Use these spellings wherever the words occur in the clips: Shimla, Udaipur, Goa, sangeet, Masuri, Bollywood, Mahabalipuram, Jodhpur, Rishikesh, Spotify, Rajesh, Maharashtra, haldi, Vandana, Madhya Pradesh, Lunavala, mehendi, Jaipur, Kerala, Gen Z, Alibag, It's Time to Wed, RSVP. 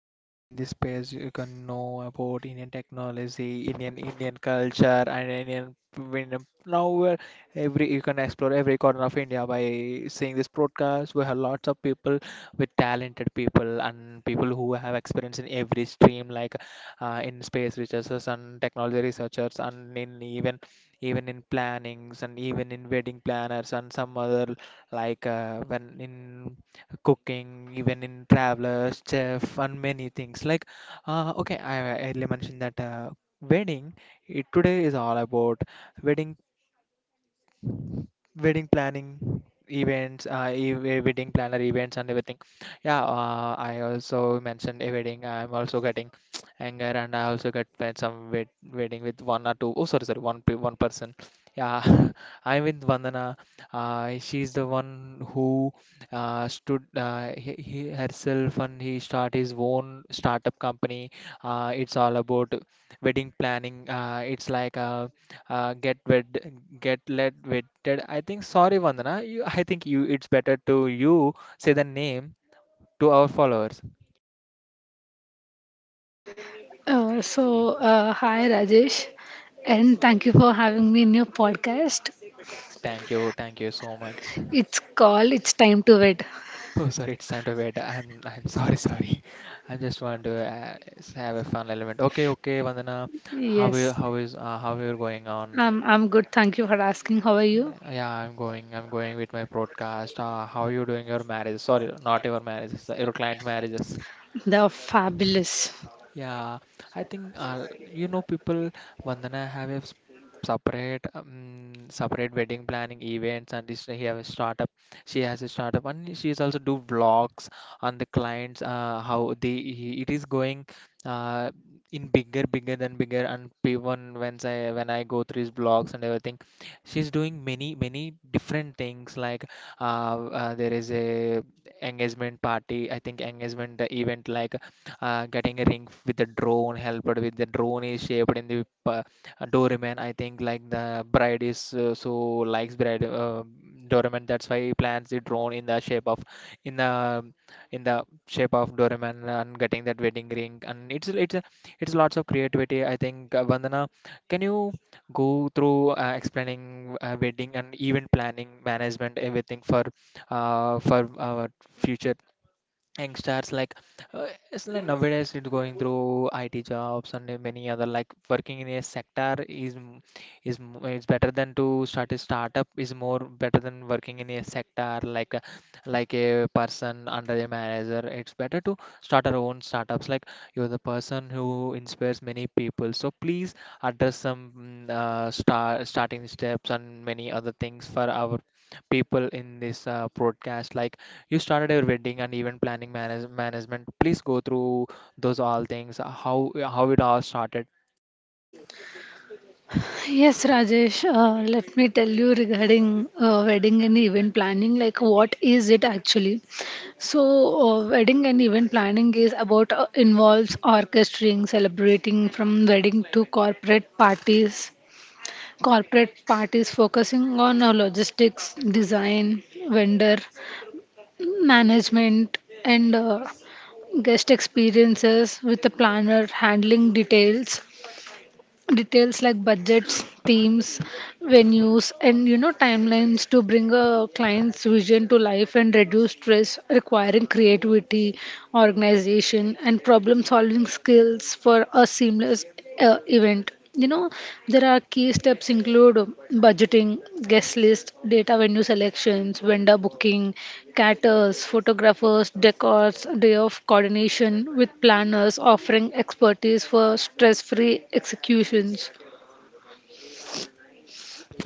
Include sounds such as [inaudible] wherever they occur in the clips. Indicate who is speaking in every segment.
Speaker 1: And in this page, you can know about Indian technology, Indian culture, and Now, we're every you can explore every corner of India by seeing this broadcast. We have lots of people with talented people and people who have experience in every stream, like in space researchers and technology researchers, and in even in plannings and even in wedding planners and some other like when in cooking, even in travelers, chef, and many things. Like, okay, I earlier mentioned that wedding it today is all about wedding wedding planning events wedding planner events and everything. Yeah, I also mentioned a wedding. I'm also getting [tsk] anger and I also get planned some wedding with one or two. Oh, sorry, one person. Yeah. [laughs] I'm with Vandana. She's the one who stood he herself and he start his own startup company. It's all about wedding planning. It's like get wed, get led wetted, I think. Sorry Vandana, you, I think you it's better to you say the name to our followers.
Speaker 2: Hi Rajesh, and thank you for having me in your podcast.
Speaker 1: Thank you so much.
Speaker 2: It's called It's Time to Wed.
Speaker 1: [laughs] Oh sorry, it's time to wait. I'm sorry, sorry. [laughs] I just want to have a fun element. Okay, okay Vandana,
Speaker 2: Yes,
Speaker 1: how you're going on?
Speaker 2: I'm good. Thank you for asking. How are you?
Speaker 1: Yeah, I'm going with my broadcast. How you doing your marriage? Sorry, not your marriages, your client marriages.
Speaker 2: They're fabulous.
Speaker 1: Yeah, I think, you know, people Vandana have a separate wedding planning events, and this he have a startup. She has a startup, and she is also do vlogs on the clients. How they he, it is going uh, in bigger than bigger. And even when I go through his blogs and everything, she's doing many different things like there is a engagement party, I think engagement event, like getting a ring with the drone helped. With the drone is shaped in the uh, doorman, I think. Like the bride is so likes bride, doorman, that's why he plans the drone in the shape of, in the in the shape of doorman and getting that wedding ring. And it's lots of creativity, I think. Vandana, can you go through explaining wedding and event planning management, everything for uh, for our future youngsters? Like it's like nowadays it's going through IT jobs and many other like working in a sector is is better than to start a startup. Is more better than working in a sector like a person under a manager. It's better to start our own startups. Like you're the person who inspires many people, so please address some starting steps and many other things for our people in this broadcast. Like you started your wedding and event planning management. Please go through those all things. How it all started.
Speaker 2: Yes, Rajesh, let me tell you regarding wedding and event planning, like what is it actually? So, wedding and event planning is about involves orchestrating, celebrating from wedding to corporate parties, focusing on logistics, design, vendor management, and guest experiences, with a planner handling details like budgets, themes, venues, and timelines to bring a client's vision to life and reduce stress, requiring creativity, organization, and problem solving skills for a seamless event. There are key steps include budgeting, guest list, data, venue selections, vendor booking, caterers, photographers, decors, day of coordination, with planners offering expertise for stress-free executions.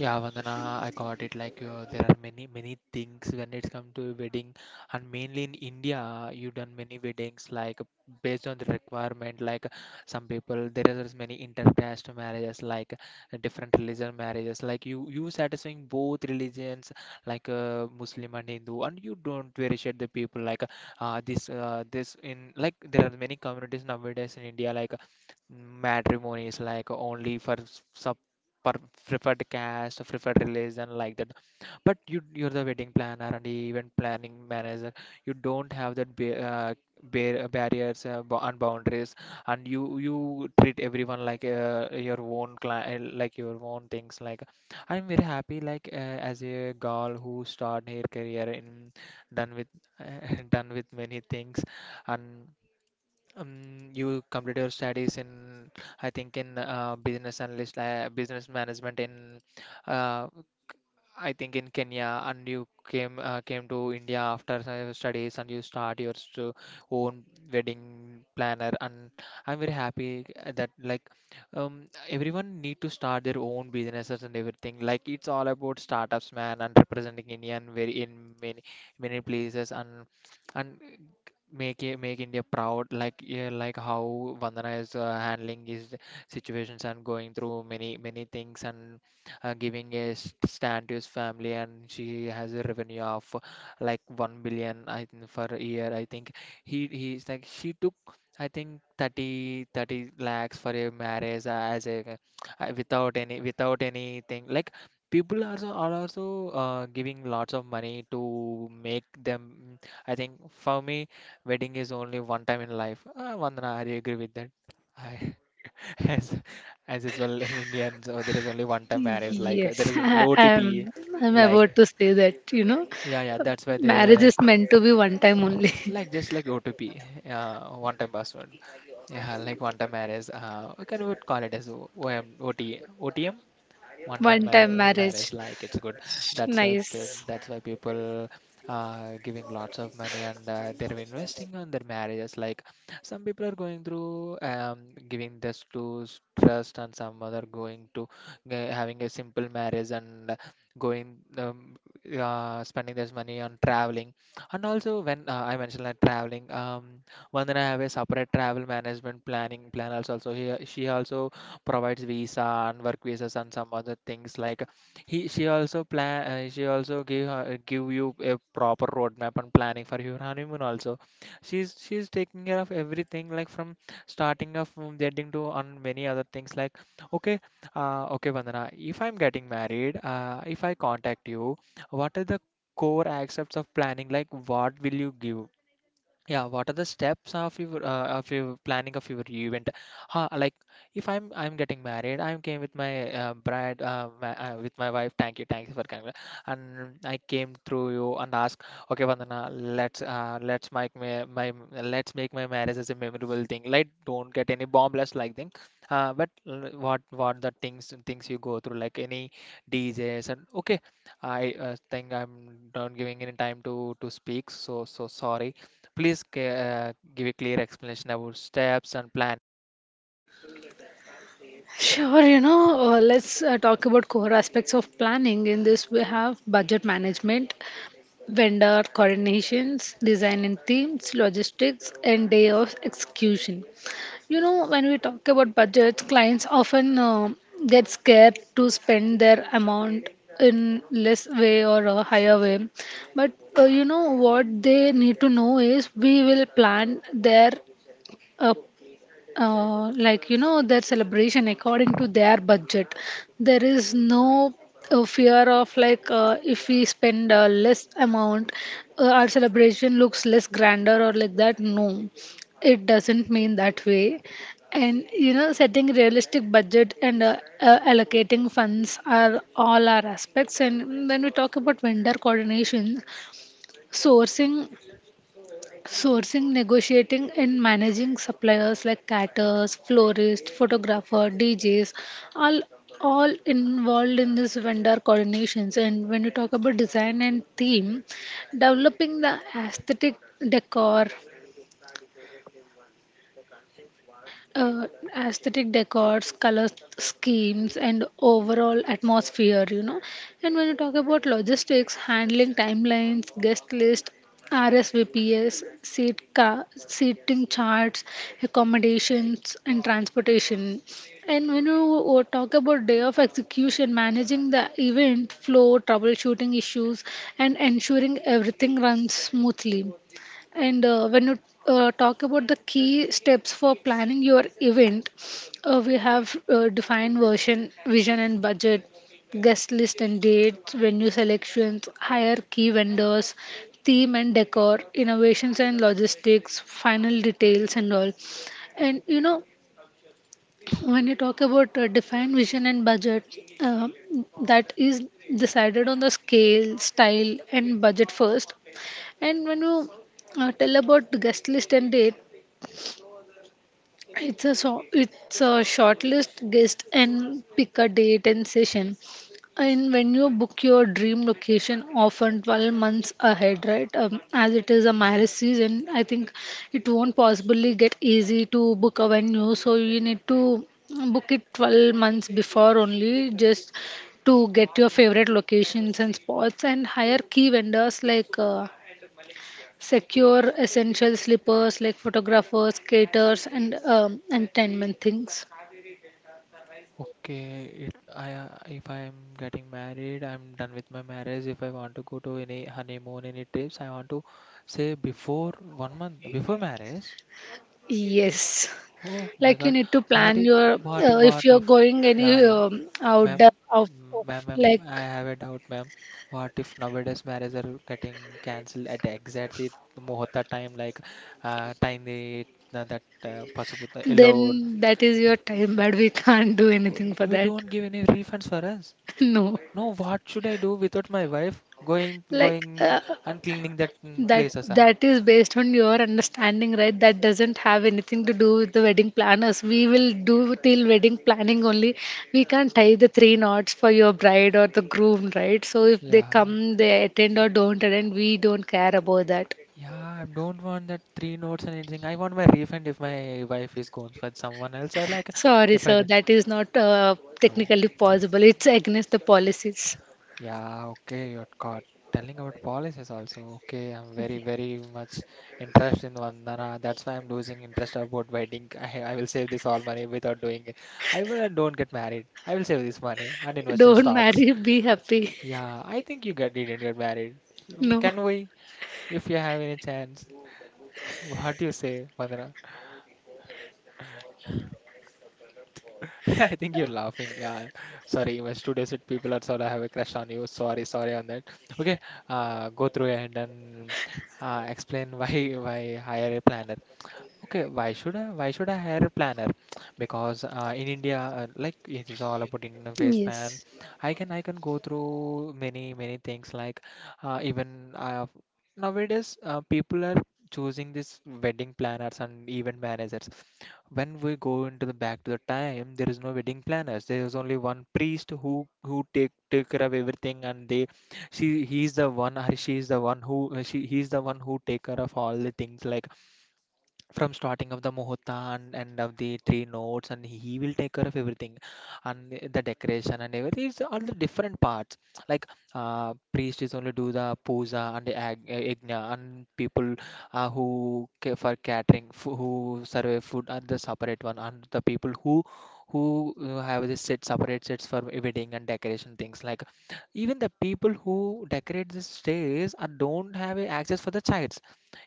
Speaker 1: Yeah, Vandana, I got it. Like, there are many things when it's come to wedding, and mainly in India, you done many weddings like based on the requirement. Like, some people there is many intercaste marriages, like different religion marriages. Like, you satisfying both religions, like Muslim and Hindu, and you don't appreciate the people. Like, this in like there are many communities nowadays in India. Like, matrimony is like only for s- sub per preferred caste, preferred religion, like that. But you're the wedding planner and the event planning manager. You don't have that ba bar barriers and boundaries, and you treat everyone like your own client, like your own things. Like I'm very happy, like as a girl who started her career in done with [laughs] done with many things and. You completed your studies in, I think, in business analyst, business management in, uh, I think, in Kenya, and you came came to India after your studies, and you start your st own wedding planner. And I'm very happy that like everyone need to start their own businesses and everything. Like it's all about startups, man, and representing Indian very in many places and make it make India proud. Like yeah, like how Vandana is handling his situations and going through many things and giving a stand to his family. And she has a revenue of like 1 billion, I think, for a year, I think. He's like, she took, I think, 30 30 lakhs for a marriage, as a without any, without anything. Like people are also giving lots of money to make them, I think. For me, wedding is only one time in life. Vandana, are you agree with that? I, [laughs] as as usual in Indians, so there is only one time marriage. Like there
Speaker 2: Yes, [laughs]
Speaker 1: is only
Speaker 2: I,
Speaker 1: OTP.
Speaker 2: I'm I'm
Speaker 1: Like
Speaker 2: about to say that,
Speaker 1: yeah, yeah, that's why
Speaker 2: marriage
Speaker 1: they,
Speaker 2: is meant to be one time only.
Speaker 1: like
Speaker 2: [laughs]
Speaker 1: just like OTP. One time password. Yeah, like one time marriage. Can we call it as OMOTOTM?
Speaker 2: One time
Speaker 1: Marriage,
Speaker 2: marriage.
Speaker 1: like it's good.
Speaker 2: Nice.
Speaker 1: That's why people giving lots of money, and they're investing on their marriages. Like some people are going through giving this to trust, and some other going to having a simple marriage and going spending this money on traveling. And also when I mentioned like traveling, one, then I have a separate travel management planning plan also. Also he she also provides visa and work visas and some other things. Like he she also plan, she also give you a proper roadmap and planning for your honeymoon also. She's taking care of everything, like from starting of from wedding to on many other things. Like okay, okay Vandana, if I'm getting married, if I contact you, what are the core aspects of planning? Like what will you give? Yeah, what are the steps of your planning, of your event? Huh, like if I'm getting married, I'm came with my with my wife. Thank you for coming. And I came through you and ask, okay, Vandana, let's make my marriage as a memorable thing. Like don't get any bombless like thing. What the things you go through, like any DJs and okay, I think I'm not giving any time to speak. Sorry. Please give a clear explanation about steps and plan.
Speaker 2: Sure, let's talk about core aspects of planning. In this, we have budget management, vendor coordinations, design and themes, logistics, and day of execution. When we talk about budgets, clients often get scared to spend their amount in less way or a higher way. But what they need to know is we will plan their uh, like their celebration according to their budget. There is no fear of, like, if we spend less amount, our celebration looks less grander or like that. No, it doesn't mean that way. And setting realistic budget and allocating funds are all our aspects. And when we talk about vendor coordination, sourcing Sourcing, negotiating, and managing suppliers like caterers, florists, photographer, DJs, all all involved in this vendor coordinations. And when you talk about design and theme, developing the aesthetic decor, uh, aesthetic decors, color schemes, and overall atmosphere. And when you talk about logistics, handling timelines, guest list, RSVPs, seating charts, accommodations, and transportation. And when you talk about day of execution, managing the event flow, troubleshooting issues, and ensuring everything runs smoothly. And when you talk about the key steps for planning your event, we have defined vision and budget, guest list and dates, venue selections, hire key vendors, theme and decor, innovations and logistics, final details and all. And when you talk about defined vision and budget, uh, that is decided on the scale, style, and budget first. And when you tell about the guest list and date, it's a short list guest, and pick a date and session. And when you book your dream location, often 12 months ahead, right? As it is a marriage season, I think it won't possibly get easy to book a venue. So you need to book it 12 months before only, just to get your favorite locations and spots, and hire key vendors like, secure essential slippers like photographers, caterers, and entertainment things.
Speaker 1: Okay, if I'm getting married, I'm done with my marriage. If I want to go to any honeymoon, any trips, I want to say before 1 month, before marriage.
Speaker 2: Yes,
Speaker 1: Oh my
Speaker 2: like you
Speaker 1: God,
Speaker 2: need to
Speaker 1: what
Speaker 2: plan
Speaker 1: if,
Speaker 2: your, if
Speaker 1: what
Speaker 2: you're
Speaker 1: if?
Speaker 2: going any
Speaker 1: Yeah, ma'am,
Speaker 2: outdoor of, of
Speaker 1: ma'am, I
Speaker 2: like,
Speaker 1: have a doubt, ma'am. What if nowadays marriages are getting cancelled at exactly exact the muhurta time, like time the that possible yellow.
Speaker 2: then that is your time, but we can't do
Speaker 1: Oh,
Speaker 2: anything for
Speaker 1: we
Speaker 2: that.
Speaker 1: don't give any refunds for us.
Speaker 2: [laughs] No,
Speaker 1: No, what should I do without my wife going
Speaker 2: like,
Speaker 1: going and cleaning that
Speaker 2: That
Speaker 1: places? Ah,
Speaker 2: that is based on your understanding, right? That doesn't have anything to do with the wedding planners. We will do till wedding planning only. We can't tie the three knots for your bride or the groom, right? So if they
Speaker 1: yeah.
Speaker 2: come, they attend or don't attend, we don't care about that.
Speaker 1: Yeah, I don't want that three notes and anything. I want my refund if my wife is going for someone else. Or like
Speaker 2: Sorry,
Speaker 1: if I
Speaker 2: sir,
Speaker 1: d-
Speaker 2: that is not
Speaker 1: no.
Speaker 2: technically possible. It's against the policies.
Speaker 1: Yeah, okay, you're caught. Telling about policies also. Okay, I'm very, very much interested in Vandana. That's why I'm losing interest about wedding. I will save this all money without doing it. I don't get married. I will save this money and invest in
Speaker 2: Don't
Speaker 1: stocks.
Speaker 2: marry, be happy.
Speaker 1: Yeah, I think you got didn't get married.
Speaker 2: No.
Speaker 1: Can we, if you have any chance? What do you say, Vandana? [laughs] I think you're laughing. Yeah, sorry, my studio set people are sort of have a crush on you. Sorry on that. Okay, go through and then explain [laughs] why hire a planner. Okay, why should I? Why should I hire a planner? Because in India, like it is all about interface plan.
Speaker 2: Yes.
Speaker 1: I can go through many things like even nowadays people are choosing this wedding planners and event managers. When we go into the back to the time, there is no wedding planners. There is only one priest who take take care of everything, and they she, he's the one, or she is the one who she he's the one who take care of all the things, like from starting of the muhurta and end of the three notes, and he will take care of everything, and the decoration and everything. It's all the different parts, like priest is only do the puja and the yagna, and people who care for catering, who serve food, are the separate one, and the people who have the set separate sets for wedding and decoration things, like even the people who decorate the stage are don't have a access for the child.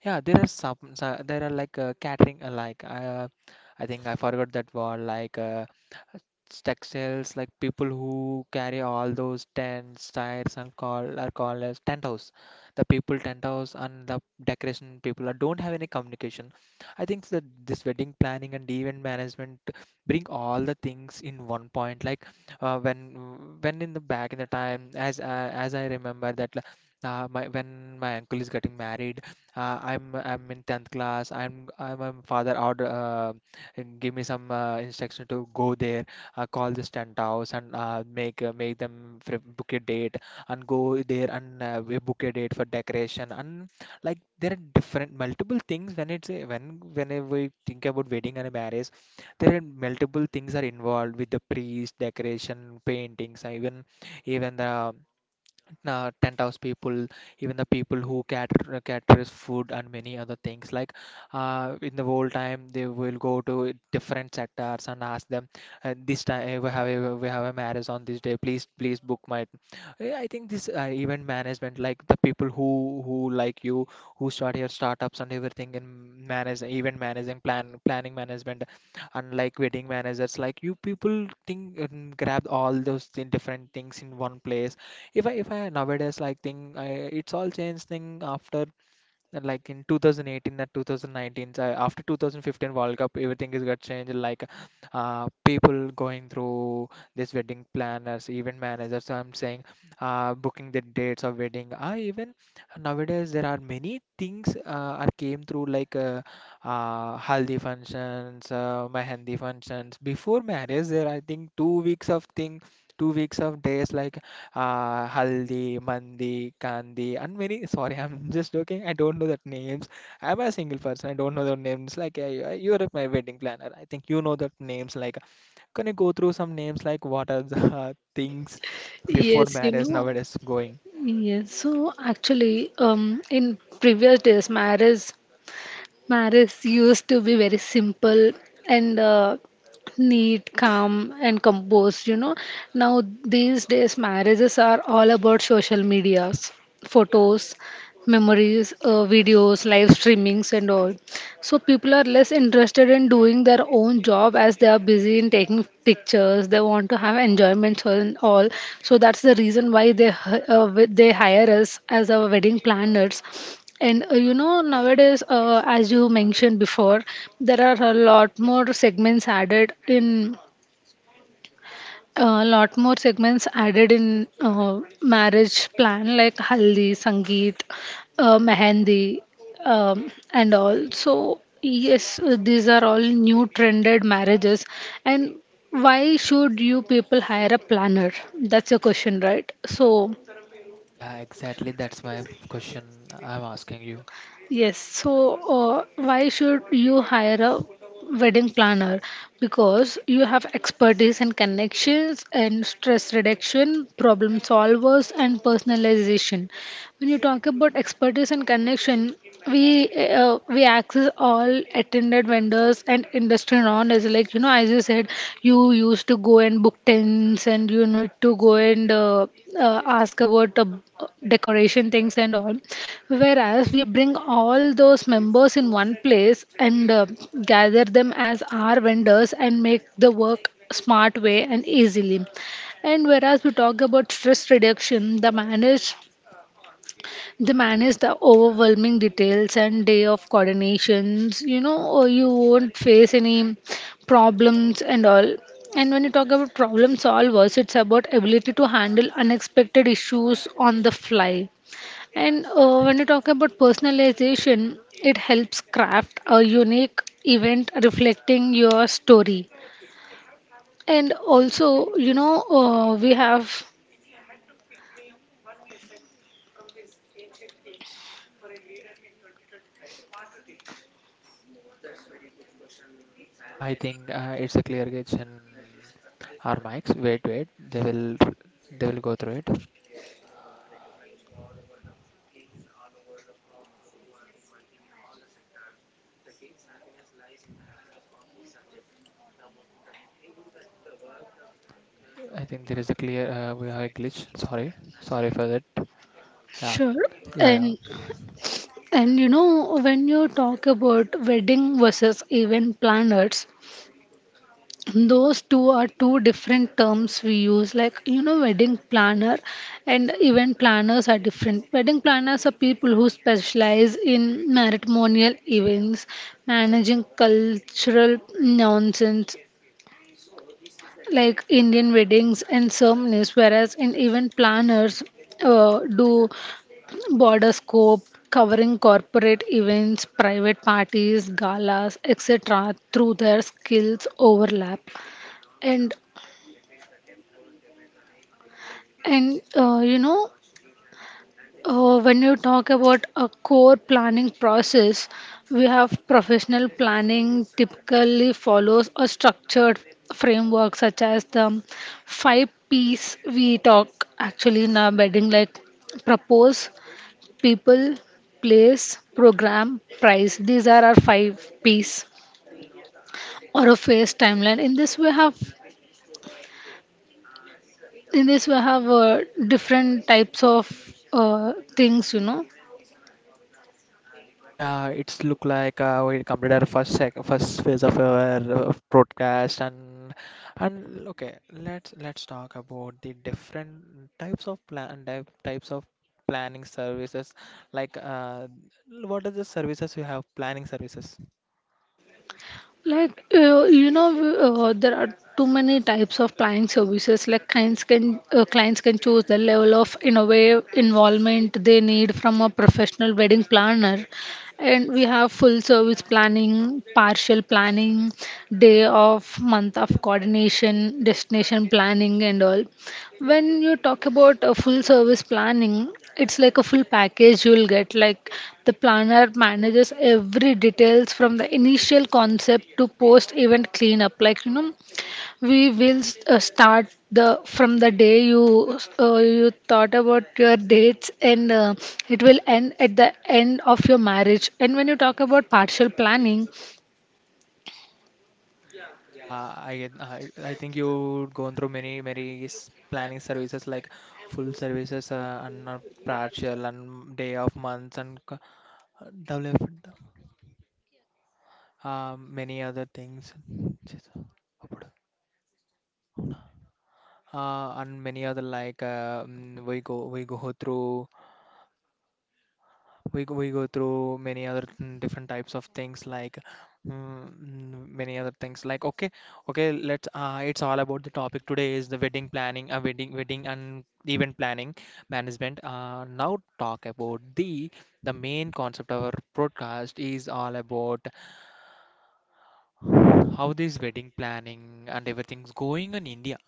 Speaker 1: Yeah, there are some, there are like catering, like I think I forgot that word, like textiles, like people who carry all those tents, tires, and call are called as tent house. The people tent house and the decoration people are, don't have any communication. I think that this wedding planning and event management bring all the things in one point. Like when in the back in the time, as I remember that. My, when my uncle is getting married, I'm in 10th class. I'm my father out and give me some instruction to go there, call the tent house and make them book a date, and go there, and we book a date for decoration. And like there are different multiple things when whenever we think about wedding and a marriage, there are multiple things are involved with the priest, decoration, paintings, and even even the tent house people, even the people who caters food, and many other things. Like in the whole time, they will go to different sectors and ask them, this time we have we have a marriage on this day. Please book my. Yeah, I think this event management, like the people who like you, who start your startups and everything in manage event managing, planning management, unlike wedding managers, like you people think and grab all those different things in one place. If I nowadays like think, I it's all changed thing after like in 2018 and 2019, after 2015 World Cup everything is got changed. Like people going through this wedding planners, event managers, I'm saying, booking the dates of wedding. I Even nowadays there are many things are came through, like haldi functions, mehendi functions before marriage. There I think 2 weeks of thing 2 weeks of days, like Haldi, Mandi, Kandi, and many. Sorry, [laughs] I'm just joking. I don't know that names. I'm a single person. I don't know the names. Like you're my wedding planner. I think you know that names. Like, can you go through some names? Like, what are the [laughs] things before
Speaker 2: Yes, you
Speaker 1: marriage
Speaker 2: know.
Speaker 1: nowadays going?
Speaker 2: Yes. So actually, in previous days, marriage used to be very simple and neat, calm, and composed. Now, these days, marriages are all about social medias, photos, memories, videos, live streamings, and all. So people are less interested in doing their own job as they are busy in taking pictures. They want to have enjoyments and all. So that's the reason why they hire us as our wedding planners. And nowadays, as you mentioned before, there are a lot more segments added in marriage plan like haldi, sangeet, mehendi, and all. So yes, these are all new trended marriages. And why should you people hire a planner? That's your question, right? So
Speaker 1: Yeah, exactly. That's my question I'm asking you.
Speaker 2: yes, so why should you hire a wedding planner? Because you have expertise and connections and stress reduction, problem solvers, and personalization. When you talk about expertise and connection, we we access all attended vendors and industry knowledge. Like, as you said, you used to go and book tents, and you need to go and ask about decoration things and all. Whereas we bring all those members in one place and gather them as our vendors and make the work smart way and easily. And whereas we talk about stress reduction, they manage the overwhelming details and day of coordinations, or you won't face any problems and all. And when you talk about problem solvers, it's about ability to handle unexpected issues on the fly. And when you talk about personalization, it helps craft a unique event reflecting your story. And also, we have
Speaker 1: I think it's a clear gauge and our mics. Wait, wait. They will go through it. I think there is a clear we have a glitch. Sorry for that. Yeah,
Speaker 2: sure.
Speaker 1: yeah, yeah,
Speaker 2: And And when you talk about wedding versus event planners, those two are two different terms we use. Like, wedding planner and event planners are different. Wedding planners are people who specialize in matrimonial events, managing cultural nonsense like Indian weddings and ceremonies, whereas in event planners do border scope covering corporate events, private parties, galas, etc., through their skills overlap. And and when you talk about a core planning process, we have professional planning typically follows a structured framework such as the five P's we talk actually in our bedding, like propose, people, place, program, price. These are our five P's or a phase timeline. In this we have different types of things.
Speaker 1: yeah. It's look like we completed our first phase of our broadcast and okay. Let's talk about the different types of types of planning services. Like, what are the services you have? Planning services.
Speaker 2: Like, there are too many types of client services. Like, clients can choose the level of in a way involvement they need from a professional wedding planner. And we have full service planning, partial planning, day of, month of coordination, destination planning, and all. When you talk about a full service planning, it's like a full package you'll get. Like, the planner manages every details from the initial concept to post event cleanup. Like, we will start the from the day you thought about your dates, and it will end at the end of your marriage. And when you talk about partial planning,
Speaker 1: Yeah, I think you gone through many planning services, like full services and partial and day of months and develop. Many other things and many other, like we go through many other, different types of things, like many other things, like okay, okay. Let's it's all about, the topic today is the wedding planning, wedding and event planning management. Now talk about the main concept of our broadcast is all about how this wedding planning and everything's going on in India.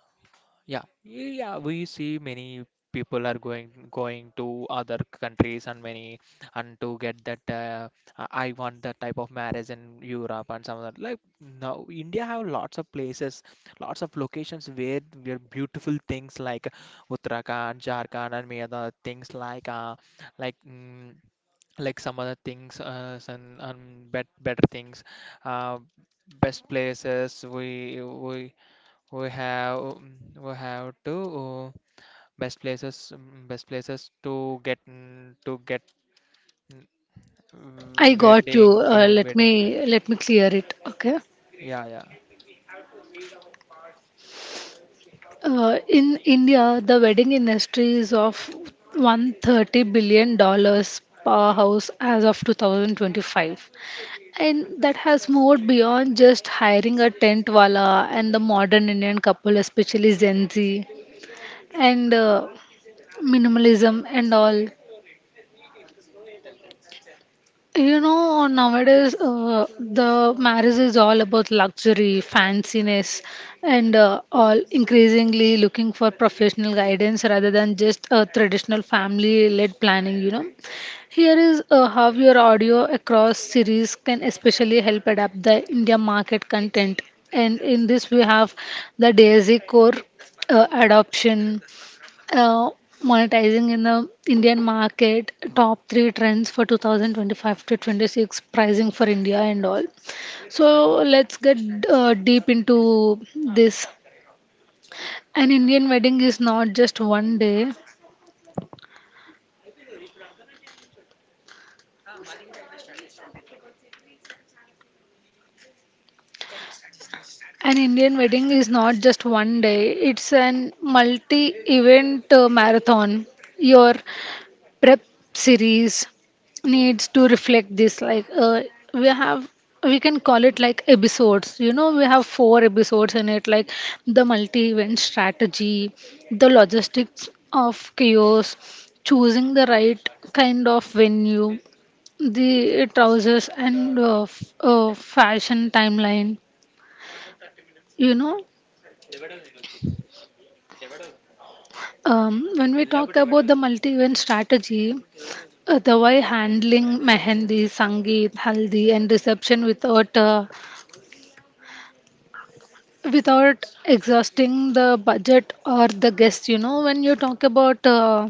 Speaker 1: Yeah, yeah, we see many people are going to other countries, and many, and to get that I want that type of marriage in Europe and some other. Like, now India have lots of places, lots of locations where beautiful things, like Uttarakhand, Jharkhand, and many other things, like like mm, like some other things, some bet, better things, uh, best places we we have, we have to best places, best places to get, to get,
Speaker 2: I got you.
Speaker 1: wedding,
Speaker 2: Let
Speaker 1: wedding.
Speaker 2: me let me clear it. Okay.
Speaker 1: Yeah, yeah.
Speaker 2: In India, the wedding industry is of $130 billion dollars powerhouse as of 2025. And that has moved beyond just hiring a tent wala, and the modern Indian couple, especially Gen Z and minimalism and all. Nowadays the marriage is all about luxury, fanciness, and all increasingly looking for professional guidance rather than just a traditional family led planning. Here is how your audio across series can especially help adapt the India market content. And in this, we have the DAISY core adoption, uh, monetizing in the Indian market, top three trends for 2025 to 26, pricing for India, and all. So let's get deep into this. An Indian wedding is not just one day. An Indian wedding is not just one day. It's an multi-event marathon. Your prep series needs to reflect this, like, we have we can call it like episodes. We have four episodes in it, like the multi event strategy, the logistics of chaos, choosing the right kind of venue, the trousers, and fashion timeline. You know um, when we talk about the multi event strategy, the way handling mehendi, sangeet, haldi, and reception without exhausting the budget or the guests. When you talk about,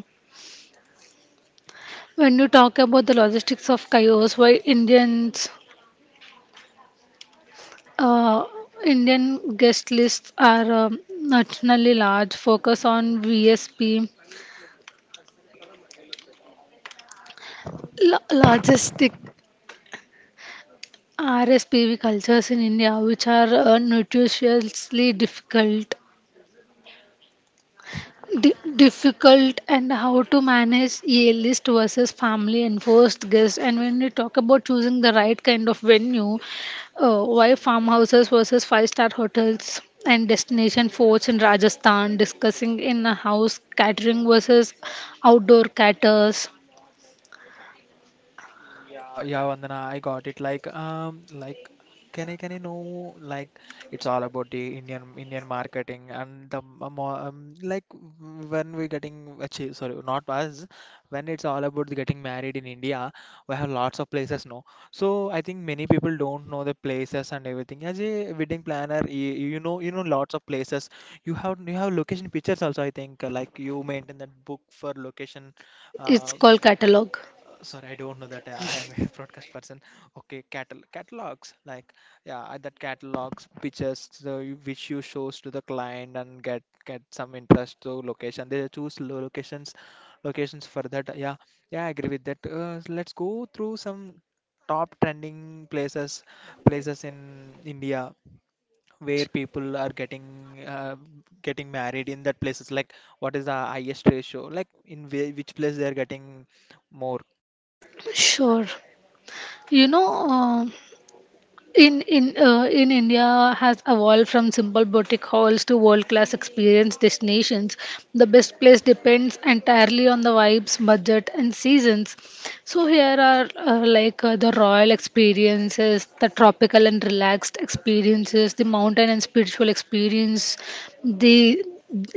Speaker 2: when you talk about the logistics of chaos, why uh, Indian guest lists are nationally large. Focus on VSP, logistic RSPV cultures in India, which are nutritiously difficult, and how to manage a list versus family and first guest. And when we talk about choosing the right kind of venue, why farmhouses versus five-star hotels, and destination forts in Rajasthan, discussing in a house catering versus outdoor caterers.
Speaker 1: Yeah, yeah, Vandana, I got it. Like, can I know, like it's all about the Indian, Indian marketing and the like when we getting, actually sorry, not us, when it's all about the getting married in India, we have lots of places, no? So I think many people don't know the places and everything. As a wedding planner, you know, you know lots of places. You have location pictures also, I think. Like, you maintain that book for location.
Speaker 2: It's
Speaker 1: Um,
Speaker 2: called catalog.
Speaker 1: sorry, I don't know that. I am a [laughs] broadcast person. Okay, catalogs, like, yeah. That catalogs pictures, so which you shows to the client and get some interest to location. They choose locations, locations for that. Yeah, yeah, I agree with that. Let's go through some top trending places, places in India where people are getting, uh, getting married in that places. Like, what is the highest ratio, like in which place they are getting more?
Speaker 2: Sure. you know uh, in India has evolved from simple boutique halls to world class experience destinations. The best place depends entirely on the vibes, budget, and seasons. So here are, like, the royal experiences, the tropical and relaxed experiences, the mountain and spiritual experience, the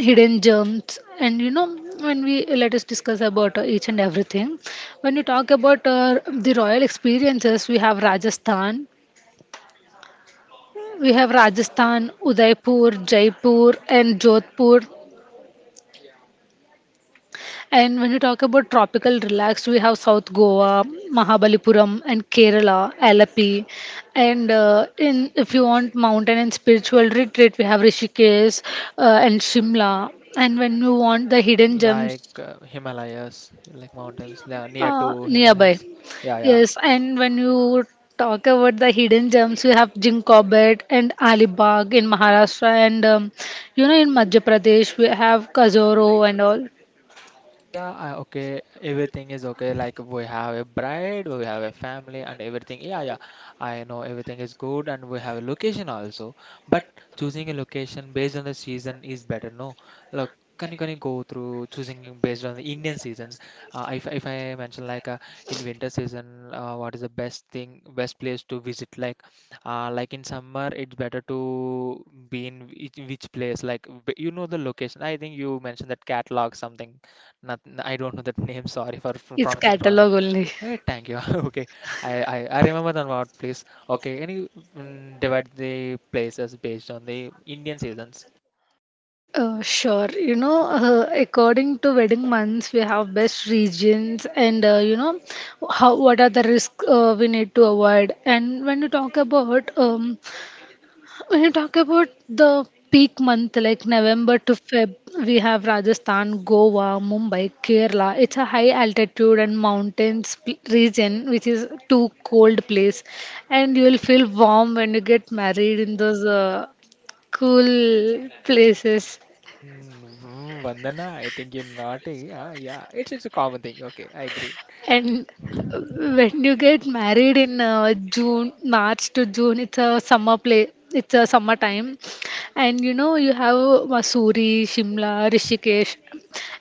Speaker 2: hidden gems. And, you know when we let us discuss about each and everything. When we talk about the royal experiences, we have Rajasthan, Udaipur, Jaipur, and Jodhpur. And when you talk about tropical relaxed, we have South Goa, Mahabalipuram, and Kerala, Alapi. And in if you want mountain and spiritual retreat, we have Rishikesh and Shimla. And when you want the hidden gems,
Speaker 1: Like Himalayas, like mountains, yeah, near to
Speaker 2: nearby.
Speaker 1: Himalayas. Yeah, yeah.
Speaker 2: Yes, and when you talk about the hidden gems, we have Jinkobat and Alibag in Maharashtra, and in Madhya Pradesh, we have Kazoro and all.
Speaker 1: Yeah, I, okay. Everything is okay. Like, we have a bride, we have a family, and everything. Yeah, yeah. I know everything is good, and we have a location also. But choosing a location based on the season is better. No, look, can you go through choosing based on the Indian seasons? If I mention, like in winter season, what is the best thing, best place to visit? Like in summer, it's better to be in which place? Like, you know the location. I think you mentioned that catalog something. Not, I don't know that [laughs] name. Sorry for
Speaker 2: It's
Speaker 1: pronouncing wrong.
Speaker 2: catalog only.
Speaker 1: Hey, thank you. [laughs] Okay, I remember the what place. Okay, can you, divide the places based on the Indian seasons?
Speaker 2: Sure. According to wedding months, we have best regions, and how what are the risks we need to avoid. And when you talk about, the peak month like November to Feb, we have Rajasthan, Goa, Mumbai, Kerala. It's a high altitude and mountains region, which is too cold place, and you will feel warm when you get married in those cool places.
Speaker 1: Vandana, I think you're naughty. Yeah, it's a common thing. Okay, I agree.
Speaker 2: And when you get married in, March to June, it's a summer play. It's a summer time, and you have Masuri, Shimla, Rishikesh,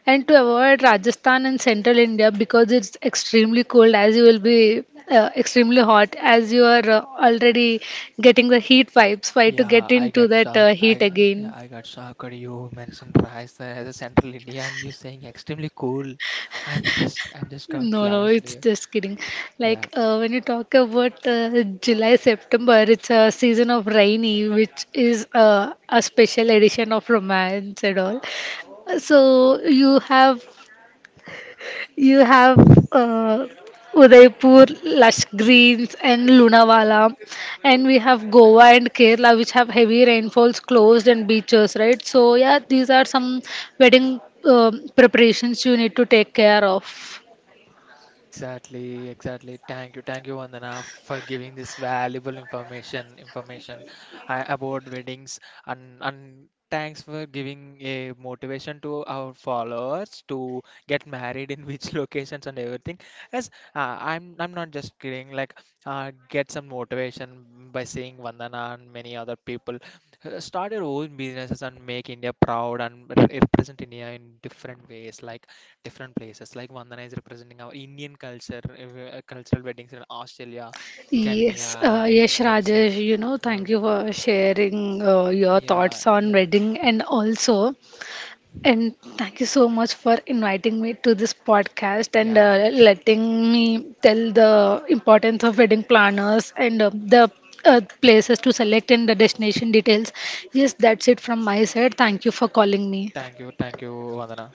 Speaker 2: and to avoid Rajasthan and Central India because it's extremely cold. As you will be extremely hot, as you are already getting the heat vibes. Why to get
Speaker 1: Yeah, I
Speaker 2: into
Speaker 1: get
Speaker 2: that
Speaker 1: shocked.
Speaker 2: heat
Speaker 1: Yeah,
Speaker 2: again?
Speaker 1: I got shocked. You mentioned rice as a Central Indian. You're saying extremely cool. I'm just got
Speaker 2: No, no,
Speaker 1: lost
Speaker 2: it's
Speaker 1: here.
Speaker 2: just kidding. Like,
Speaker 1: Yeah.
Speaker 2: when you talk about July, September, it's a season of rainy, which is a special edition of romance and all. So you have uh, Udaipur, lush greens, and Lunavala, and we have Goa and Kerala, which have heavy rainfalls, closed and beaches, right? So yeah, these are some wedding preparations you need to take care of.
Speaker 1: Exactly, exactly. Thank you, Vandana, for giving this valuable information about weddings, and thanks for giving a motivation to our followers to get married in which [laughs] locations and everything. Yes, I'm I'm not just kidding. Like, get some motivation by seeing Vandana and many other people. Start your own businesses and make India proud and represent India in different ways. Like different places. Like Vandana is representing our Indian culture, cultural weddings in Australia, Kenya,
Speaker 2: Yes,
Speaker 1: Indonesia.
Speaker 2: Rajesh, thank
Speaker 1: Um,
Speaker 2: you for sharing your
Speaker 1: yeah,
Speaker 2: thoughts on
Speaker 1: yeah,
Speaker 2: wedding, and also, and thank you so much for inviting me to this podcast and
Speaker 1: yeah, exactly.
Speaker 2: letting me tell the importance of wedding planners, and the places to select and the destination details. Yes, that's it from my side. Thank you for calling me.
Speaker 1: Thank you, Vandana.